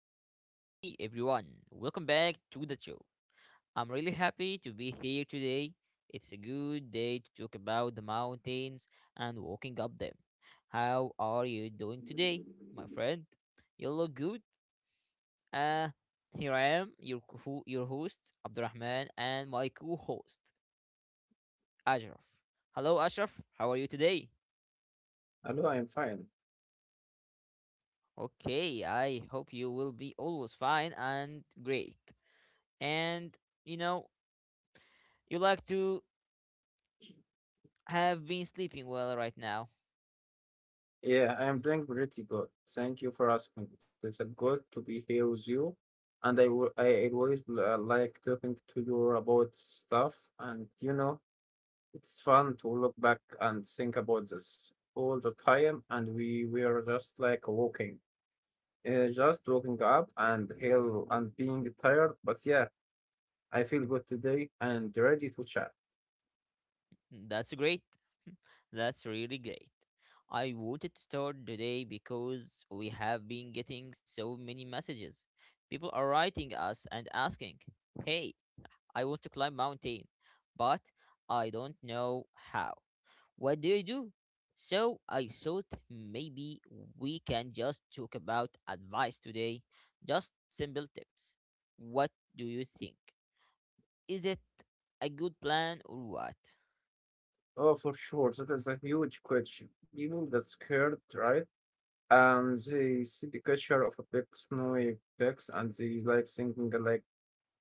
Hey, hey, hey, everyone. Welcome back to the show. I'm really happy to be here today. It's a good day to talk about the mountains and walking up them. How are you doing today, my friend? You look good. Uh, Here I am, your, your host, Abdurrahman, and my co host, Ashraf. Hello, Ashraf. How are you today? Hello, I'm fine. Okay, I hope you will be always fine and great. And, you know, you like to have been sleeping well right now. Yeah, I am doing pretty good. Thank you for asking. It is a good to be here with you, and I always like talking to you about stuff, and it's fun to look back and think about this all the time, and we were just like walking, just waking up and hell and being tired, but yeah, I feel good today and ready to chat. That's great. That's really great. I wanted to start today because we have been getting so many messages. People are writing us and asking, "Hey, I want to climb mountain, but I don't know how. What do you do?" So I thought maybe we can just talk about advice today, just simple tips. What do you think? Is it a good plan or what? Oh, for sure, that is a huge question. Even that scared, right? They see the culture of a big snowy peaks and they like thinking like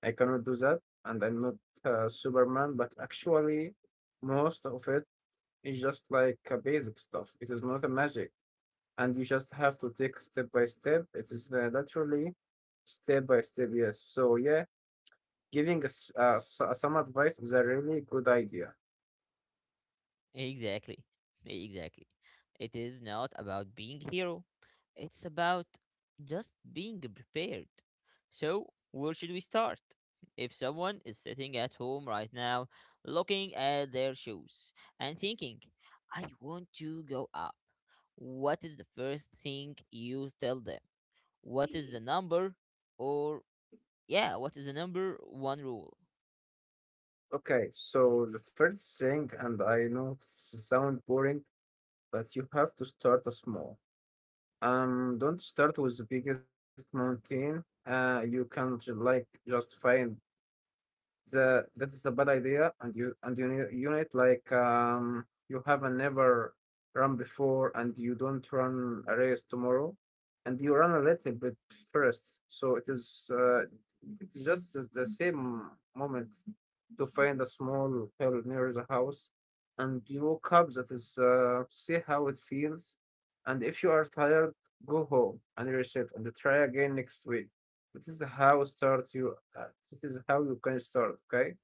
I cannot do that and I'm not Superman, but actually most of it is just like basic stuff. It is not a magic and you just have to take step by step. It is literally step by step, yes. So yeah, giving us some advice is a really good idea. Exactly. Exactly. It is not about being hero. It's about just being prepared. So, where should we start? If someone is sitting at home right now, looking at their shoes and thinking, I want to go up, what is the first thing you tell them? What is the number? Or, yeah, what is the number one rule? Okay, so the first thing, and I know it sound boring, but you have to start small. Don't start with the biggest mountain. You can like just find the that is a bad idea and you need unit like you haven't never run before and you don't run a race tomorrow and you run a little bit first, so it is it's just the same moment to find a small hill near the house and you woke up that is see how it feels, and if you are tired go home and reset and try again next week. This is how start you. This is how you can start. Okay.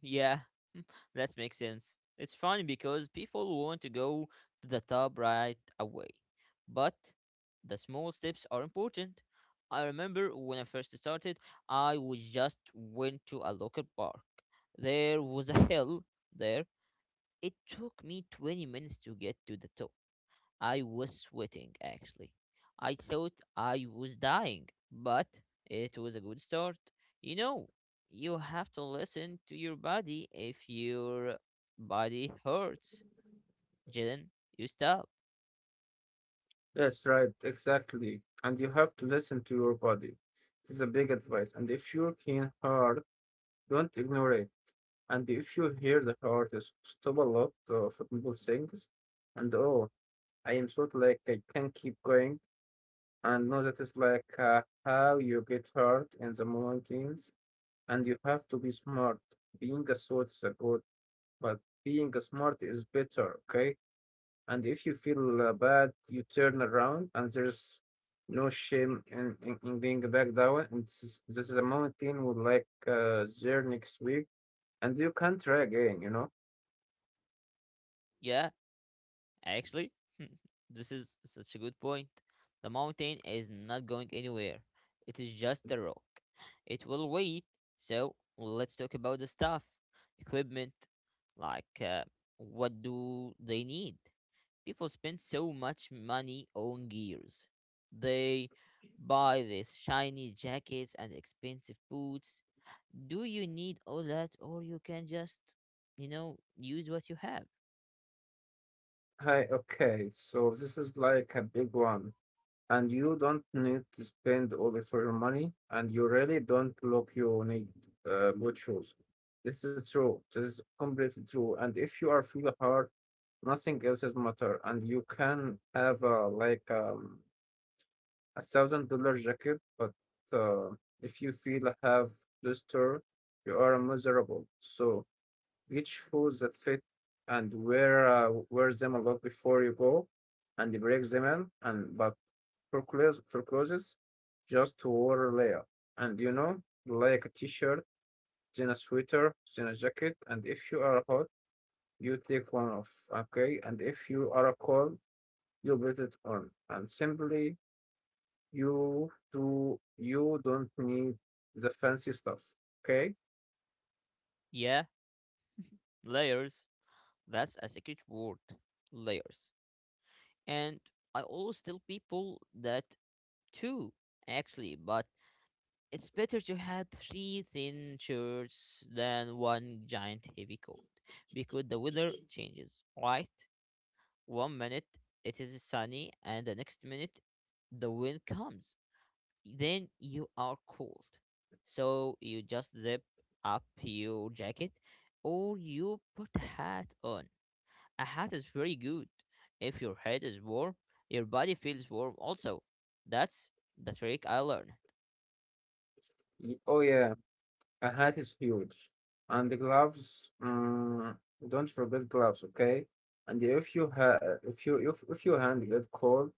Yeah, that makes sense. It's funny because people want to go to the top right away. But the small steps are important. I remember when I first started, I was just went to a local park. There was a hill there. It took me 20 minutes to get to the top. I was sweating actually. I thought I was dying, but it was a good start. You know, you have to listen to your body. If your body hurts, then you stop. Yes, right. Exactly. And you have to listen to your body. This is a big advice. And if you are can heart, don't ignore it. And if you hear the heart, is stop a lot of people things. And oh, I am sort of like I can keep going. And no, that is like how you get hurt in the mountains. And you have to be smart. Being a sword is a good but being smart is better, okay? And if you feel bad, you turn around, and there's no shame in being back down. And this is a mountain would like there next week, and you can try again, you know? Yeah, actually, this is such a good point. The mountain is not going anywhere. It is just a rock. It will wait. So let's talk about the stuff, equipment, like uh, what do they need? People spend so much money on gears. They buy these shiny jackets and expensive boots. Do you need all that, or you can just, use what you have? Hi, okay, so this is like a big one. And you don't need to spend all of your money, and you really don't look you need good shoes. This is true. This is completely true. And if you are feel hard, nothing else is matter, and you can have $1,000 jacket, but uh, if you feel have blister, you are miserable. So get shoes that fit and wear wear them a lot before you go and break them in. And but for clothes just to wear a layer, and you know, like a t-shirt, then a sweater, then a jacket. And if you are hot you take one off, okay? And if you are cold you put it on. And simply you don't need the fancy stuff, okay? Yeah, layers. That's a secret word. Layers. And I always tell people that too, actually, but it's better to have three thin shirts than one giant heavy coat because the weather changes, right? One minute it is sunny, and the next minute the wind comes. Then you are cold. So you just zip up your jacket or you put a hat on. A hat is very good. If your head is warm, your body feels warm also. That's the trick I learned. Y- oh yeah. A hat is huge. And the gloves, mm, don't forget gloves, okay? And if your hand get cold,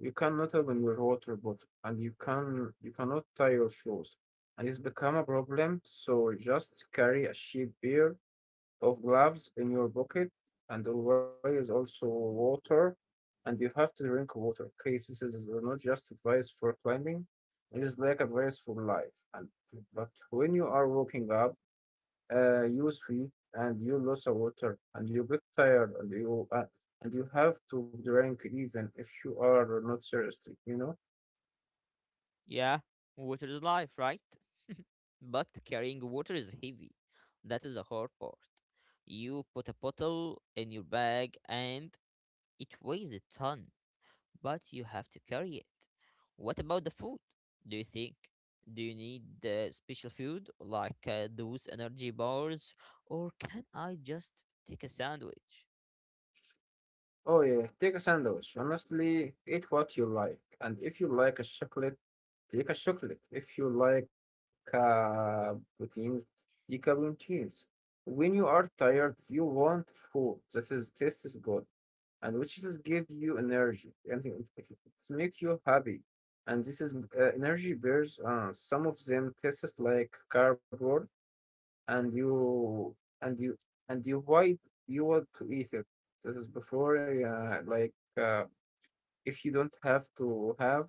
you cannot open your water bottle, and you cannot tie your shoes. And it's become a problem, so just carry a cheap beer of gloves in your pocket, and always also water. And you have to drink water. Okay, this is not just advice for climbing. It is like advice for life. And but when you are walking up, you sweat and you lose a water and you get tired and you have to drink even if you are not thirsty. You know. Yeah, water is life, right? But carrying water is heavy. That is the hard part. You put a bottle in your bag and it weighs a ton, but you have to carry it. What about the food? Do you think? Do you need special food like those energy bars, or can I just take a sandwich? Oh yeah, take a sandwich. Honestly, eat what you like. And if you like a chocolate, take a chocolate. If you like proteins, take a proteins. When you are tired, you want food that is tastes good and which is give you energy, and it make you happy. And this is energy bears. Some of them tastes like cardboard, and you and you and you wait you want to eat it. This is before uh, if you don't have to have.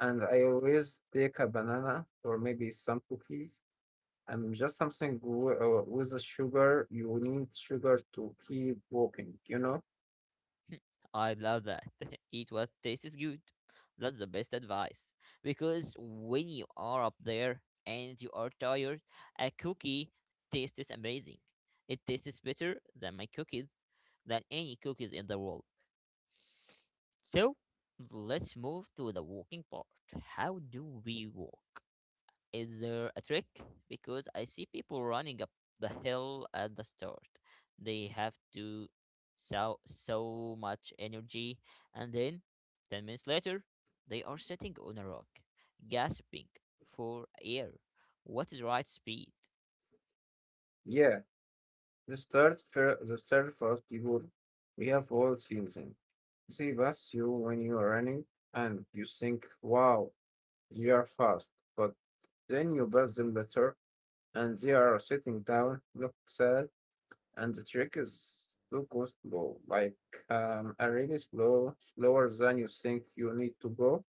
And I always take a banana or maybe some cookies, and just something with the sugar. You need sugar to keep walking, you know? I love that. Eat what tastes good. That's the best advice. Because when you are up there and you are tired, a cookie tastes amazing. It tastes better than my cookies, than any cookies in the world. So let's move to the walking part. How do we walk? Is there a trick? Because I see people running up the hill at the start. They have to so much energy and then 10 minutes later they are sitting on a rock gasping for air. What is right speed? Yeah, the the third first people we have all season see past you when you are running and you think wow, they are fast, but then you pass them later and they are sitting down, look sad. And the trick is to go slow, like a really slow, slower than you think you need to go.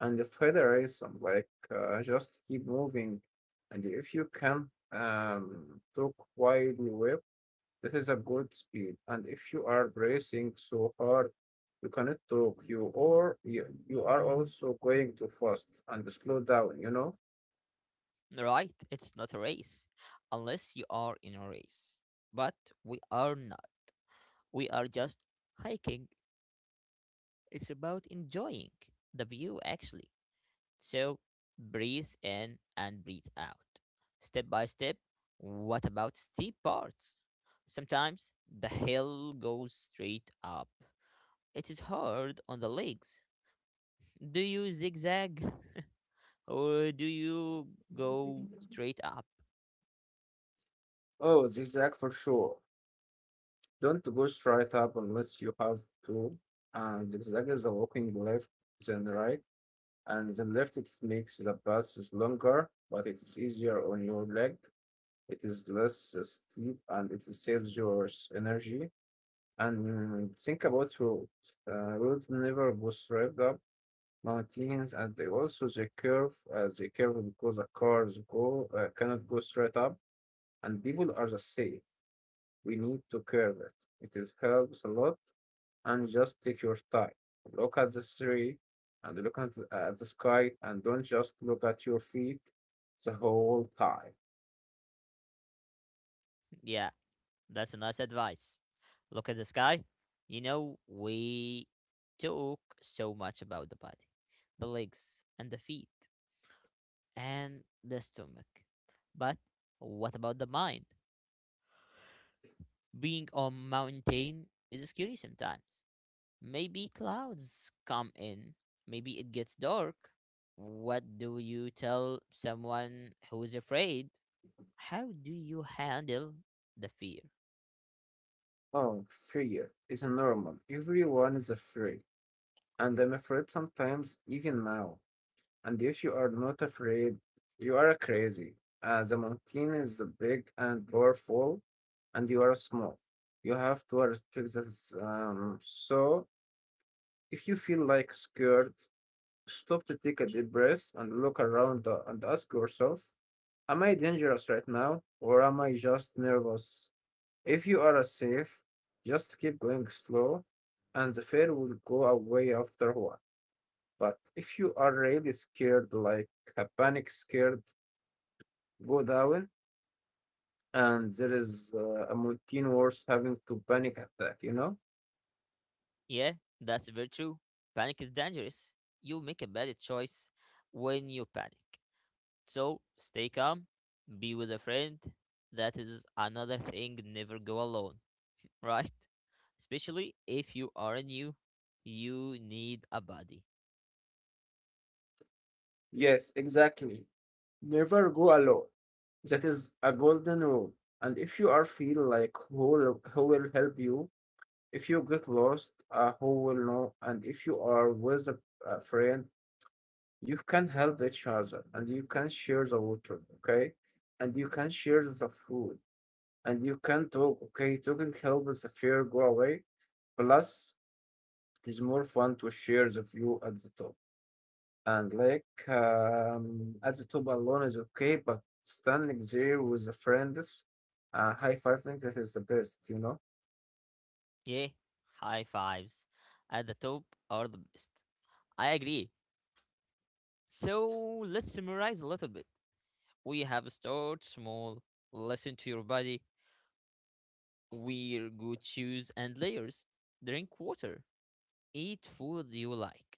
And the federation, like just keep moving. And if you can talk quietly well, that is a good speed. And if you are bracing so hard, you cannot talk. You are also going too fast and slow down, you know? Right, it's not a race unless you are in a race. But we are not. We are just hiking. It's about enjoying the view actually. So breathe in and breathe out. Step by step. What about steep parts? Sometimes the hill goes straight up. It is hard on the legs. Do you zigzag or do you go straight up? Oh, zigzag for sure. Don't go straight up unless you have to. And zigzag is a walking left, then right, and then left. It makes the path is longer, but it is easier on your leg. It is less steep, and it saves your energy. And think about road. Road never go straight up mountains, and they also the curve. They curve because the cars go cannot go straight up, and people are the same, we need to curve it. It is helps a lot and just take your time. Look at the tree and look at the sky, and don't just look at your feet the whole time. Yeah, that's a nice advice. Look at the sky. You know, we talk so much about the body, the legs, and the feet, and the stomach. But what about the mind? Being on mountain is scary sometimes. Maybe clouds come in. Maybe it gets dark. What do you tell someone who is afraid? How do you handle the fear? Oh, fear is normal. Everyone is afraid. And I'm afraid sometimes even now. And if you are not afraid, you are crazy. The mountain is big and powerful and you are small. You have to respect this. So if you feel like scared, stop to take a deep breath and look around and ask yourself, am I dangerous right now or am I just nervous? If you are safe, just keep going slow and the fear will go away after a while. But if you are really scared, like a panic scared, go down, and there is a routine worse having to panic attack, you know? Yeah, that's very true. Panic is dangerous. You make a bad choice when you panic. So stay calm, be with a friend. That is another thing, never go alone, right? Especially if you are new, you need a buddy. Yes, exactly. Never go alone. That is a golden rule. And if you are feel like who will help you, if you get lost, who will know? And if you are with a friend, you can help each other, and you can share the water, okay? And you can share the food and you can talk, okay? Talking helps the fear go away. Plus, it is more fun to share the view at the top. And like at the top alone is okay, but standing there with the friends, high fiving, that is the best, you know? Yeah, high fives at the top are the best. I agree. So let's summarize a little bit. We have start small, listen to your body, wear good shoes and layers, drink water, eat food you like,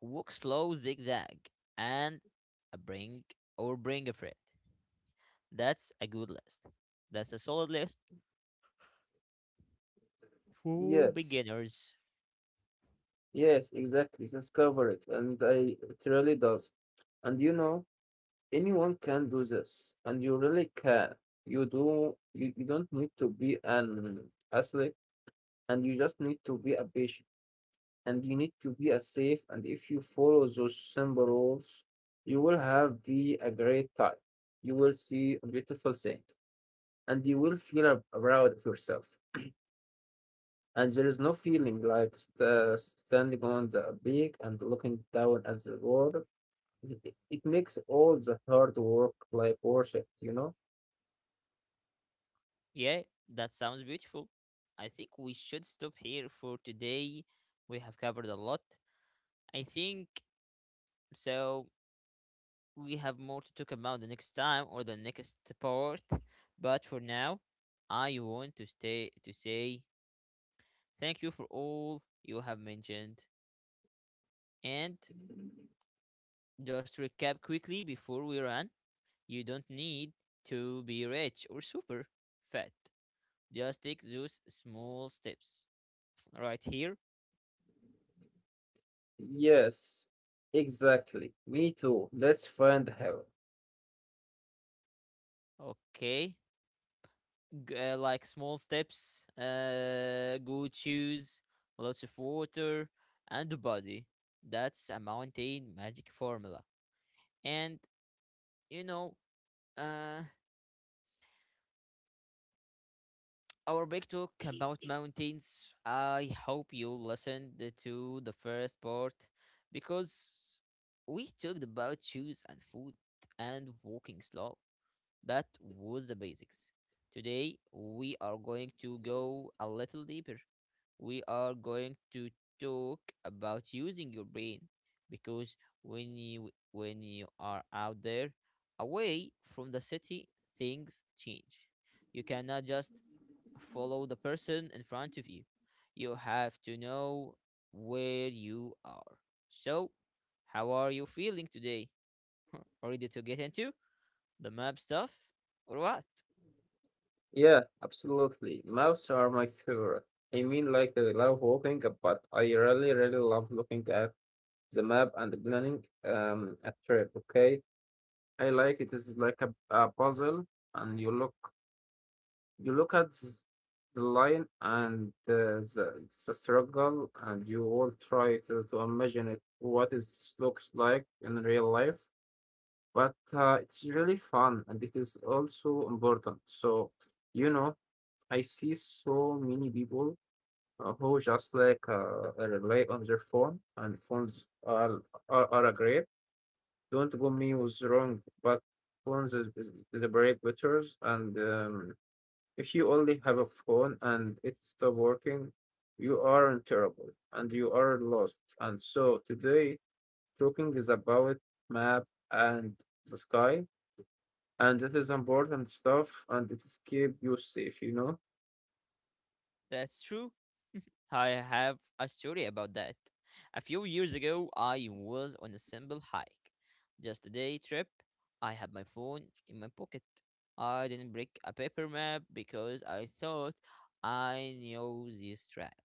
walk slow zigzag and a bring or bring a friend. That's a good list. That's a solid list for Yes, beginners. yes, exactly. That's cover it, and I it really does. And you know, anyone can do this, and you really can. You don't need to be an athlete, and you just need to be a patient. And you need to be as safe. And if you follow those simple rules, you will have be a great time. You will see a beautiful thing, and you will feel proud of yourself. And there is no feeling like standing on the peak and looking down at the world. It makes all the hard work like worth it, you know? Yeah, that sounds beautiful. I think we should stop here for today. We have covered a lot, I think. So we have more to talk about the next time or the next part, but for now I want to stay to say thank you for all you have mentioned. And just to recap quickly before we run, you don't need to be rich or super fat. Just take those small steps right here. Yes, exactly. Me too. Let's find how. Okay, like small steps. Good shoes, lots of water, and a body. That's a mountain magic formula. And you know, uh, our big talk about mountains. I hope you listened to the first part because we talked about shoes and food and walking slow. That was the basics. Today, we are going to go a little deeper. We are going to talk about using your brain because when you are out there away from the city, things change. You cannot just follow the person in front of you. You have to know where you are. So, how are you feeling today? Ready to get into the map stuff or what? Yeah, absolutely. Mouse are my favorite. I mean, like, I love walking, but I really, really love looking at the map and planning a trip. Okay, I like it. It's like a puzzle, and you look at the line, and the struggle, and you all try to imagine it what is this looks like in real life. But it's really fun, and it is also important. So you know. I see so many people who just like rely on their phone, and phones are a great. Don't go me was wrong, but phones is a break bitters, and if you only have a phone and it stop working, you are in terrible and you are lost. And so today, talking is about map and the sky, and this is important stuff, and it is keep you safe, you know. That's true. I have a story about that. A few years ago, I was on a simple hike. Just a day trip. I had my phone in my pocket. I didn't bring a paper map because I thought I knew this track.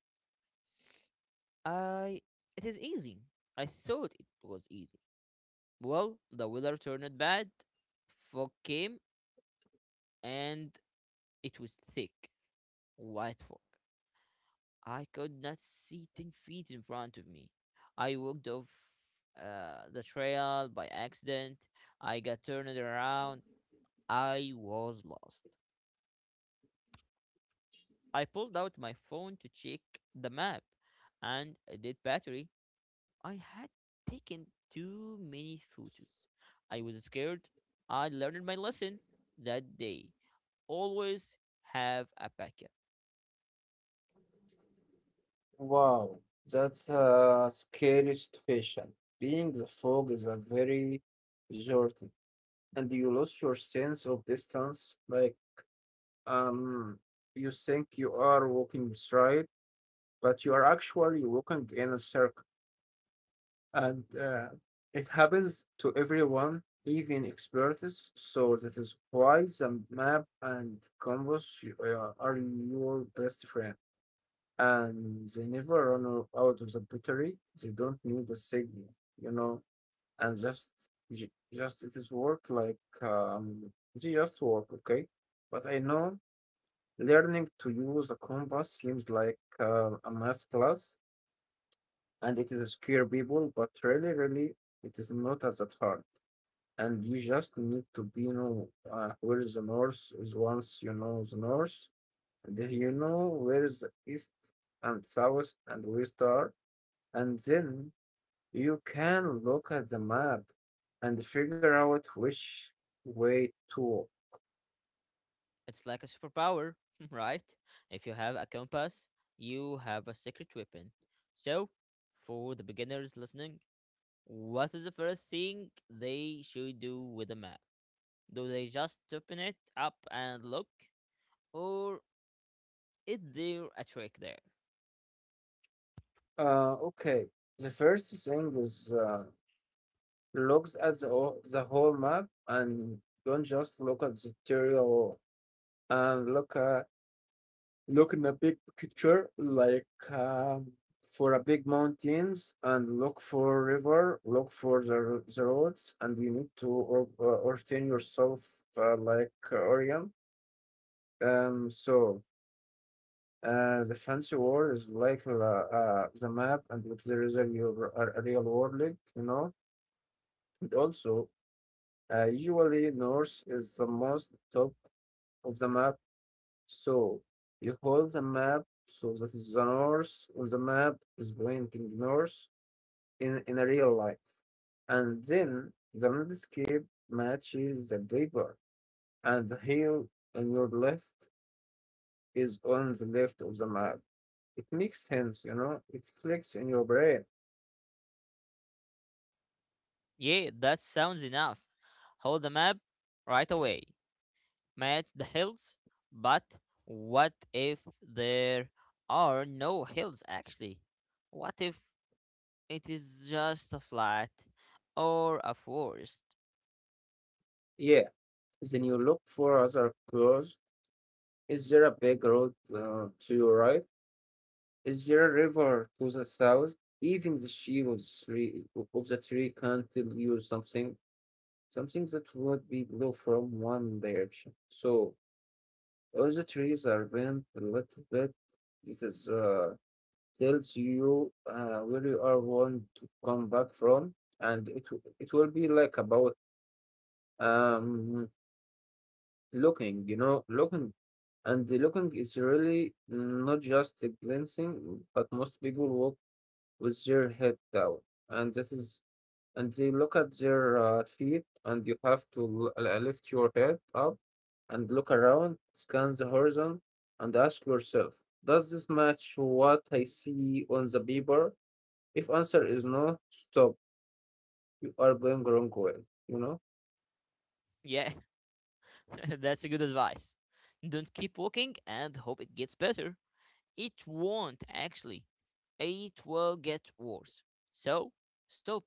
I it is easy. I thought it was easy. Well, the weather turned bad, fog came, and it was thick, white fog. I could not see 10 feet in front of me. I walked off the trail by accident. I got turned around. I was lost. I pulled out my phone to check the map, and dead battery. I had taken too many photos. I was scared. I learned my lesson that day. Always have a backup. Wow, that's a scary situation. Being the fog is a very journey, and you lose your sense of distance. Um, you think you are walking straight, but you are actually walking in a circle. And It happens to everyone, even experts. So that is why the map and compass are your best friend. And they never run out of the battery. They don't need a signal, you know, and just it is work like they just work, okay? But I know learning to use a compass seems like a math class and it is a scare people, but really, it is not as that hard. And you just need to be know where is the north is. Once you know the north, and then you know where is the east and south and west are, and then you can look at the map and figure out which way to walk. It's like a superpower, right? If you have a compass, you have a secret weapon. So, for the beginners listening, what is the first thing they should do with a map? Do they just open it up and look? Or is there a trick there? Okay, the first thing is looks at the whole map and don't just look at the theory wall and look at, look in a big picture like for a big mountains and look for river, look for the roads, and you need to orient yourself, orient. um so the fancy world is like the map, and if there is a real world, link, you know. And also, usually north is the most top of the map, so you hold the map, so that is the north on the map is pointing north in a real life, and then the landscape matches the paper, and the hill on your left is on the left of the map. It makes sense, you know, it clicks in your brain. Yeah, that sounds enough. Hold the map right away. Match the hills. But what if there are no hills actually? What if it is just a flat or a forest? Yeah, then you look for other clues. Is there a big road to your right? Is there a river to the south? Even the shape of the tree can tell you something, something that would be blue from one direction. So all the trees are bent a little bit. It is tells you where you are want to come back from, and it will be like about um looking, you know, looking, and the looking is really not just a glancing, but most people walk with their head down, and this is, and they look at their feet, and you have to lift your head up and look around, scan the horizon, and ask yourself, does this match what I see on the paper? If answer is no, stop. You are going wrong way, you know. Yeah, that's a good advice. Don't keep walking and hope it gets better. It won't actually. It will get worse. So, stop,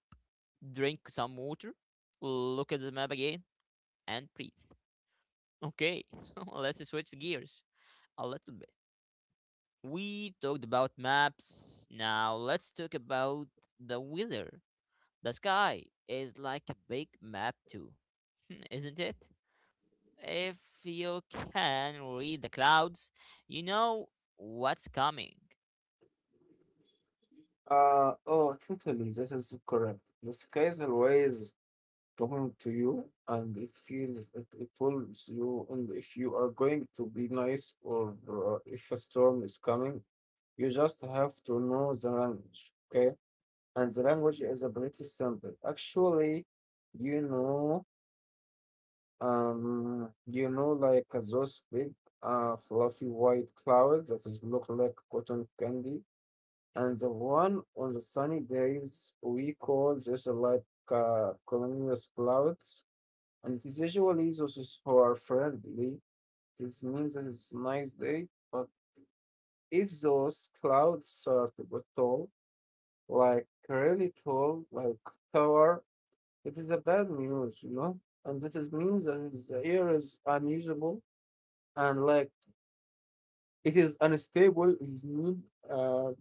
drink some water, look at the map again, and breathe. Okay, let's switch gears a little bit. We talked about maps. Now let's talk about the weather. The sky is like a big map, too, isn't it? If you can read the clouds, you know what's coming. Oh, totally. This is correct. The sky is always talking to you and it feels it tells you, and if you are going to be nice or if a storm is coming, you just have to know the language, okay? And the language is a pretty simple actually, you know. You know like those big fluffy white clouds that is look like cotton candy and the one on the sunny days, we call just cumulus clouds, and it is usually those who are friendly. This means that it's a nice day. But if those clouds are to tall, like really tall, like tower, it is a bad news, you know? And that is means the air is unusable and like it is unstable. It is need uh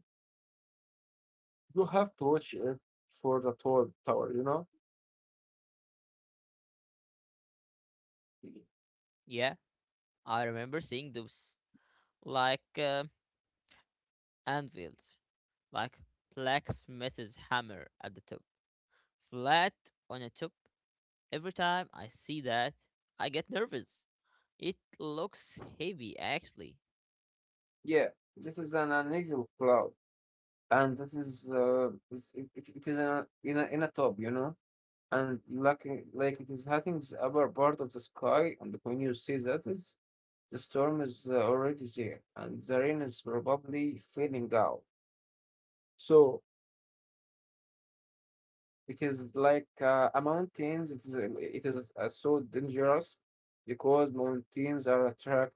you have to watch it for the tall tower, you know? Yeah, I remember seeing those like uh, anvils, like blacksmith's hammer at the top, flat on the top. Every time I see that, I get nervous. It looks heavy, actually. Yeah, this is an unusual cloud, and that is it's, it is in a top, you know? And like it is hitting the upper part of the sky, and when you see that is the storm is already there, and the rain is probably filling out. So it is like a mountains. It is so dangerous because mountains are attract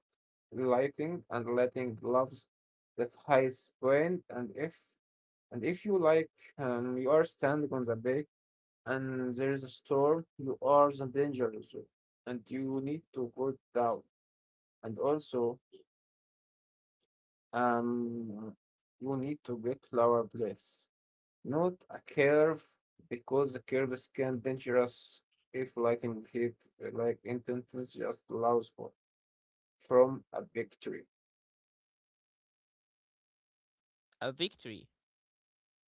lighting, and lighting loves that high point. And if you like, you are standing on the big and there is a storm, you are the danger zone, and you need to go down. And also, um, you need to get lower place, not a curve, because the curves can dangerous if lightning hit like intense just low spot from a big tree. A victory.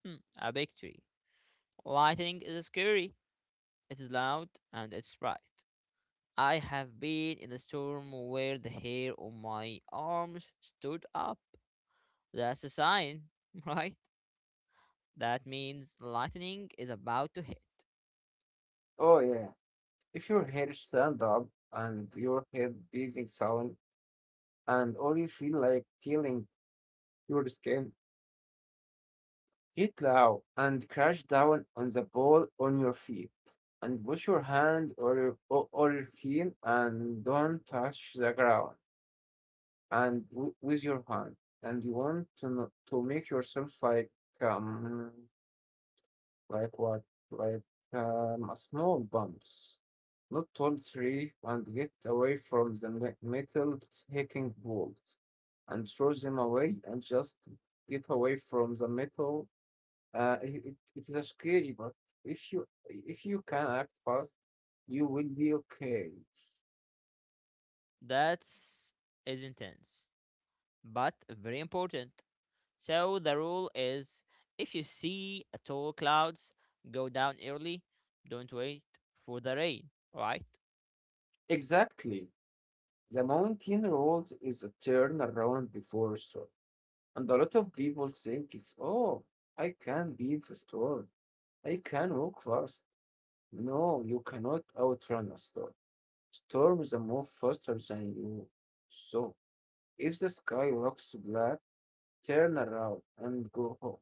Hmm, a victory. Lightning is scary. It is loud and it's bright. I have been in a storm where the hair on my arms stood up. That's a sign, right? That means lightning is about to hit. Oh yeah, if your hair stand up and your head beating sound, and all you feel like killing your skin. Get low and crash down on the ball on your feet and push your hand or your heel and don't touch the ground and with your hand. And you want to to make yourself um like what like a small bumps, not tall tree, and get away from the metal hacking balls and throw them away and just get away from the metal. It is a scary, but if you can act fast, you will be okay. That's is intense, but very important. So the rule is if you see a tall clouds, go down early. Don't wait for the rain, right? Exactly. The mountain rolls is a turn around before a storm. And a lot of people think it's, oh, I can beat the storm. I can walk fast. No, you cannot outrun a storm. Storms are move faster than you. So, if the sky looks black, turn around and go home.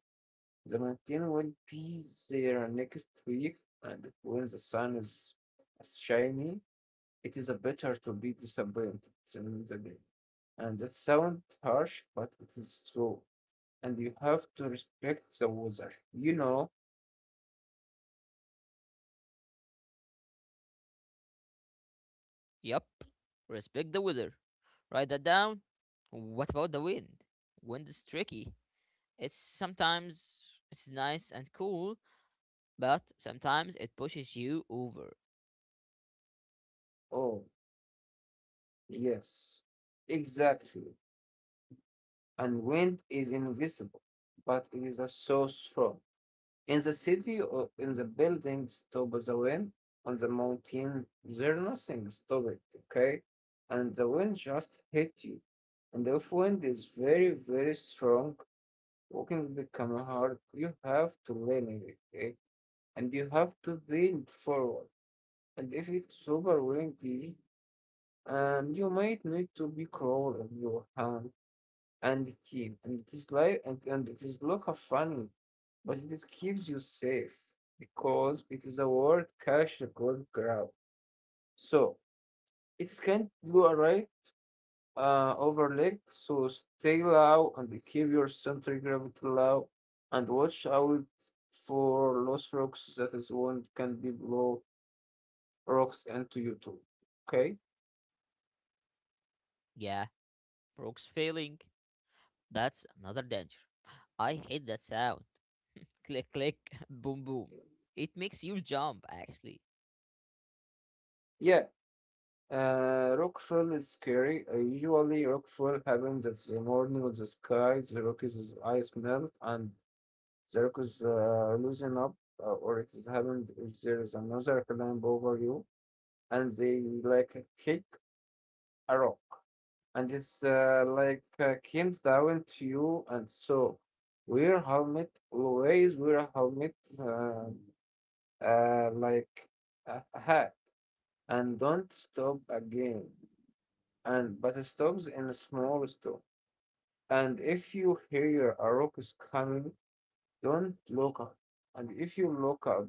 The mountain will be there next week, and when the sun is shining, it is better to be disappointed than the day. And that sounds harsh, but it is true. And you have to respect the weather. You know? Yup. Respect the weather. Write that down. What about the wind? Wind is tricky. It's sometimes it's nice and cool, but sometimes it pushes you over. Oh, yes. Exactly. And wind is invisible, but it is so strong. In the city or in the building, stop the wind. On the mountain, there's nothing stop it, okay? And the wind just hit you. And if wind is very strong, walking become hard. You have to lean it, okay? And you have to lean forward. And if it's super windy, and you might need to be crawling your hand and kid, and it is light and it is look of funny, but it is keeps you safe because it is a word cash gold grab. So it is can blue array overleg, so stay low and keep your center gravity low and watch out for lost rocks that is one can be blow rocks into you too. Okay? Yeah, Brooks failing. That's another danger. I hate that sound. Click click boom boom. It makes you jump actually. Yeah, Rockfall is scary. Usually, Rockfall happens at the morning of the sky. The Rockies' ice melt and the Rockies loosen up, or it has happened if there is another climb over you and they like kick a rock. And it's comes down to you, and so wear helmet, always wear a helmet, like a hat, and don't stop again, and but it stops in a small store. And if you hear a rock's coming, don't look up. And if you look up,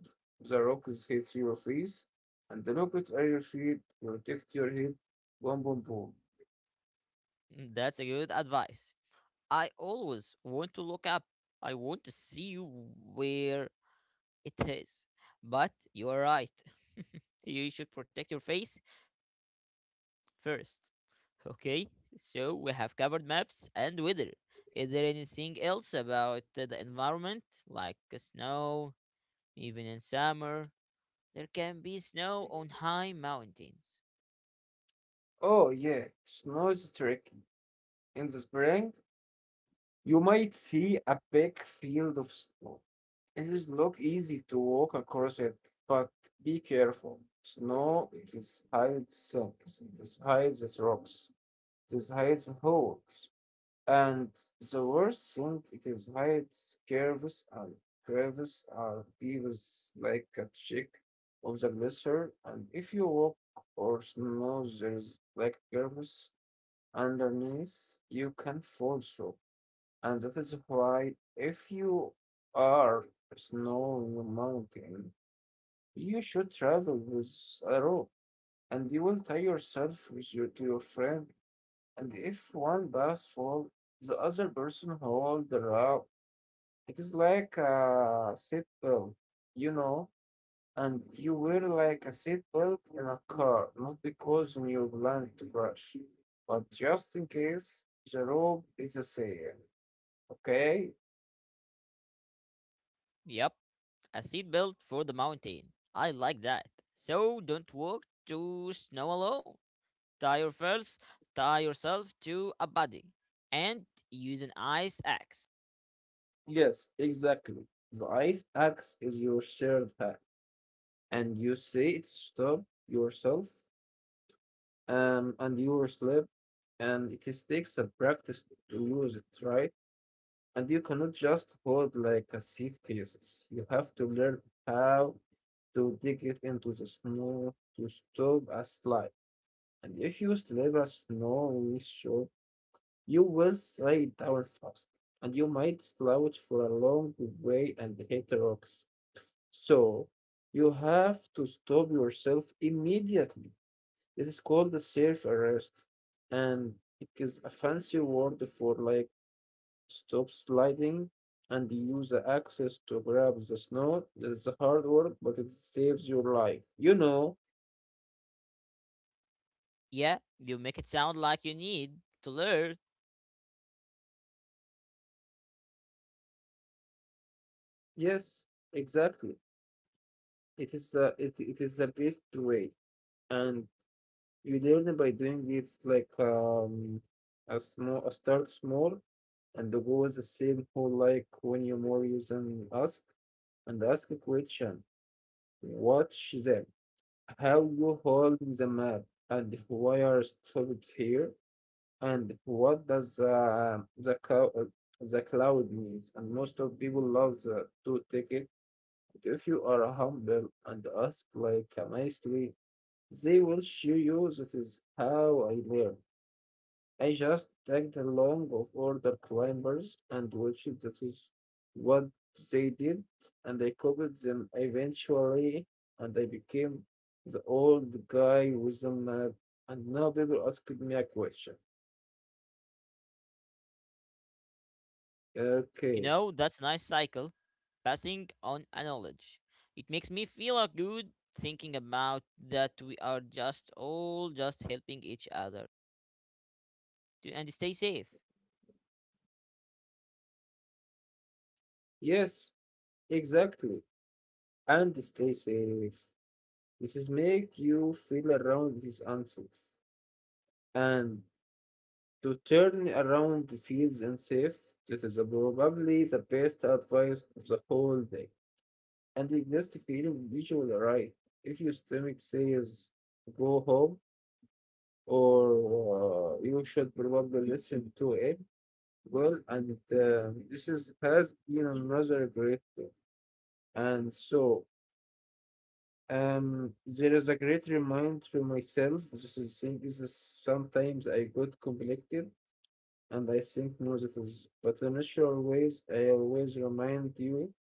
the rockets hit your face, and the rockets are your feet. Protect your head. Boom, boom, boom. Mm, that's a good advice. I always want to look up. I want to see where it is. But you are right. You should protect your face first. Okay, so we have covered maps and weather. Is there anything else about the environment, like snow, even in summer? There can be snow on high mountains. Oh yeah, snow is tricky. In the spring, you might see a big field of snow. It is not easy to walk across it, but be careful. Snow it is hides things, it is hides its rocks. This hides a hoax. And the worst thing it is hides curves, and curves are beavers like a check of the glacier. And if you walk or snow there's like curves underneath, you can fall through. And that is why if you are snowing a mountain, you should travel with a rope and you will tie yourself to your friend, and if one does fall, the other person hold the rope. It is like a seatbelt, you know, and you wear like a seatbelt in a car, not because you plan to crash, but just in case the rope is a sail. Okay? Yep, a seat belt for the mountain. I like that. So don't walk to snow alone. Tie your first, tie yourself to a body, and use an ice axe. Yes, exactly. The ice axe is your shared pack, and you see it stop yourself, and you slip, and it is takes a practice to use it, right? And you cannot just hold like a suitcase. You have to learn how to dig it into the snow to stop a slide. And if you slip a snow in this shore, you will slide down fast. And you might slouch for a long way and hit the rocks. So you have to stop yourself immediately. It is called the safe arrest. And it is a fancy word for like stop sliding and use the axis to grab the snow. It's hard work, but it saves your life. You know? Yeah, you make it sound like you need to learn. Yes, exactly. It is the it, it is the best way, and you learn by doing it. It's like a small a start small, and the goal is the same whole like when you more use and ask a question. Watch them. How you hold the map and why are stopped here? And what does the cloud means? And most of people love the, to take it. But if you are humble and ask like nicely, they will show you. That is how I learn. I just tagged along of older climbers and watched that is what they did, and I copied them eventually, and I became the old guy with the map. And now people ask me a question. You Okay. know, that's a nice cycle. Passing on a knowledge. It makes me feel a good thinking about that we are just all just helping each other. And stay safe. Yes, exactly. And stay safe. This is make you feel around is unsafe. And to turn around feels unsafe, this is probably the best advice of the whole day. And the next feeling visual right. If your stomach says go home, or you should probably listen to it, well, and this is has been another great day. And so There is a great reminder to myself. This is thing is sometimes I got conflicted and I think no, that is but in natural ways I always remind you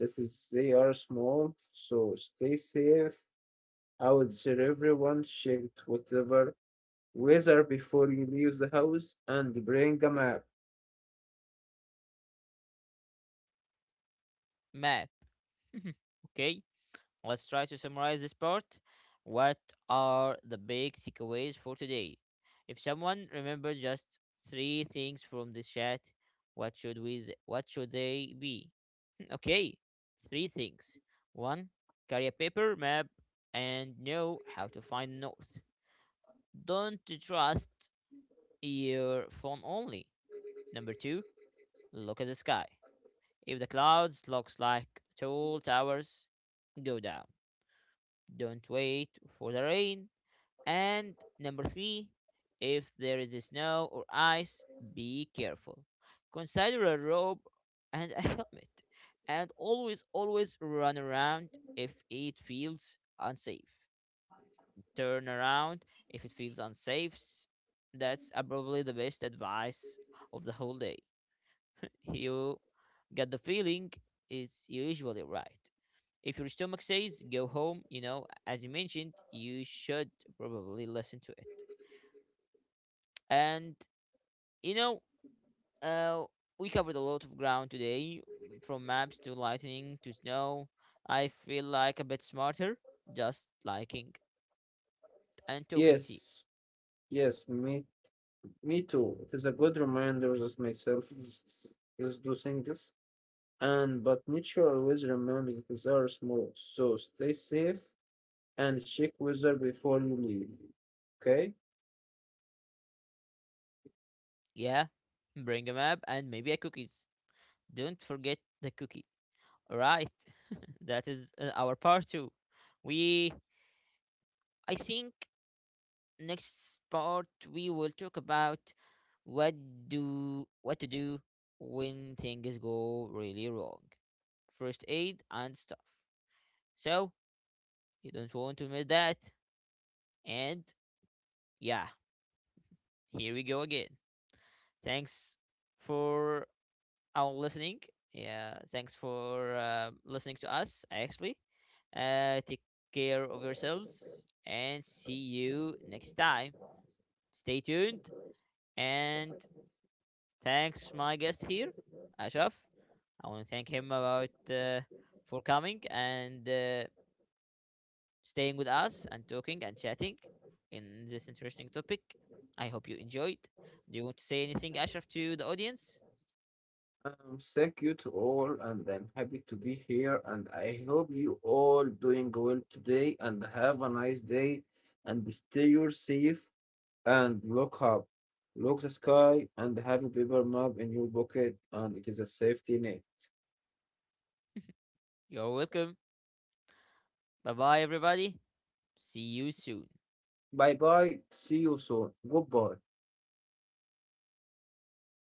that is they are small, so stay safe out there. Everyone checked whatever weather before you leave the house and bring a map. Map. Okay? Let's try to summarize this part. What are the big takeaways for today? If someone remembers just three things from this chat, what should they be? Okay, three things. One, carry a paper map and know how to find north. Don't trust your phone only. Number two, look at the sky. If the clouds looks like tall towers, go down. Don't wait for the rain. And number three, if there is snow or ice, be careful. Consider a robe and a helmet. And always, always run around if it feels unsafe. Turn around if it feels unsafe. That's probably the best advice of the whole day. You get the feeling, it's usually right. If your stomach says go home, you know, as you mentioned, you should probably listen to it. And you know, uh, we covered a lot of ground today, from maps to lightning to snow. I feel like a bit smarter just liking and talking to you. Yes, yes, me too. It is a good reminder that myself is doing this. And but nature always remembers because they are small. So stay safe and check weather before you leave. Okay? Yeah, bring a map and maybe a cookies. Don't forget the cookie. All right, that is our part two. We, I think next part we will talk about what what to do when things go really wrong. First aid and stuff. So you don't want to miss that. And yeah, here we go again. Thanks for our listening. Yeah, thanks for listening to us. Actually, take care of yourselves and see you next time. Stay tuned and thanks my guest here, Ashraf. I want to thank him about for coming and staying with us and talking and chatting in this interesting topic. I hope you enjoyed. Do you want to say anything, Ashraf, to the audience? Thank you to all, and I'm happy to be here. And I hope you all doing well today, and have a nice day, and stay your safe and look up, look the sky, and have a paper map in your pocket, and it is a safety net. You're welcome. Bye bye, everybody. See you soon. Bye bye. See you soon. Goodbye.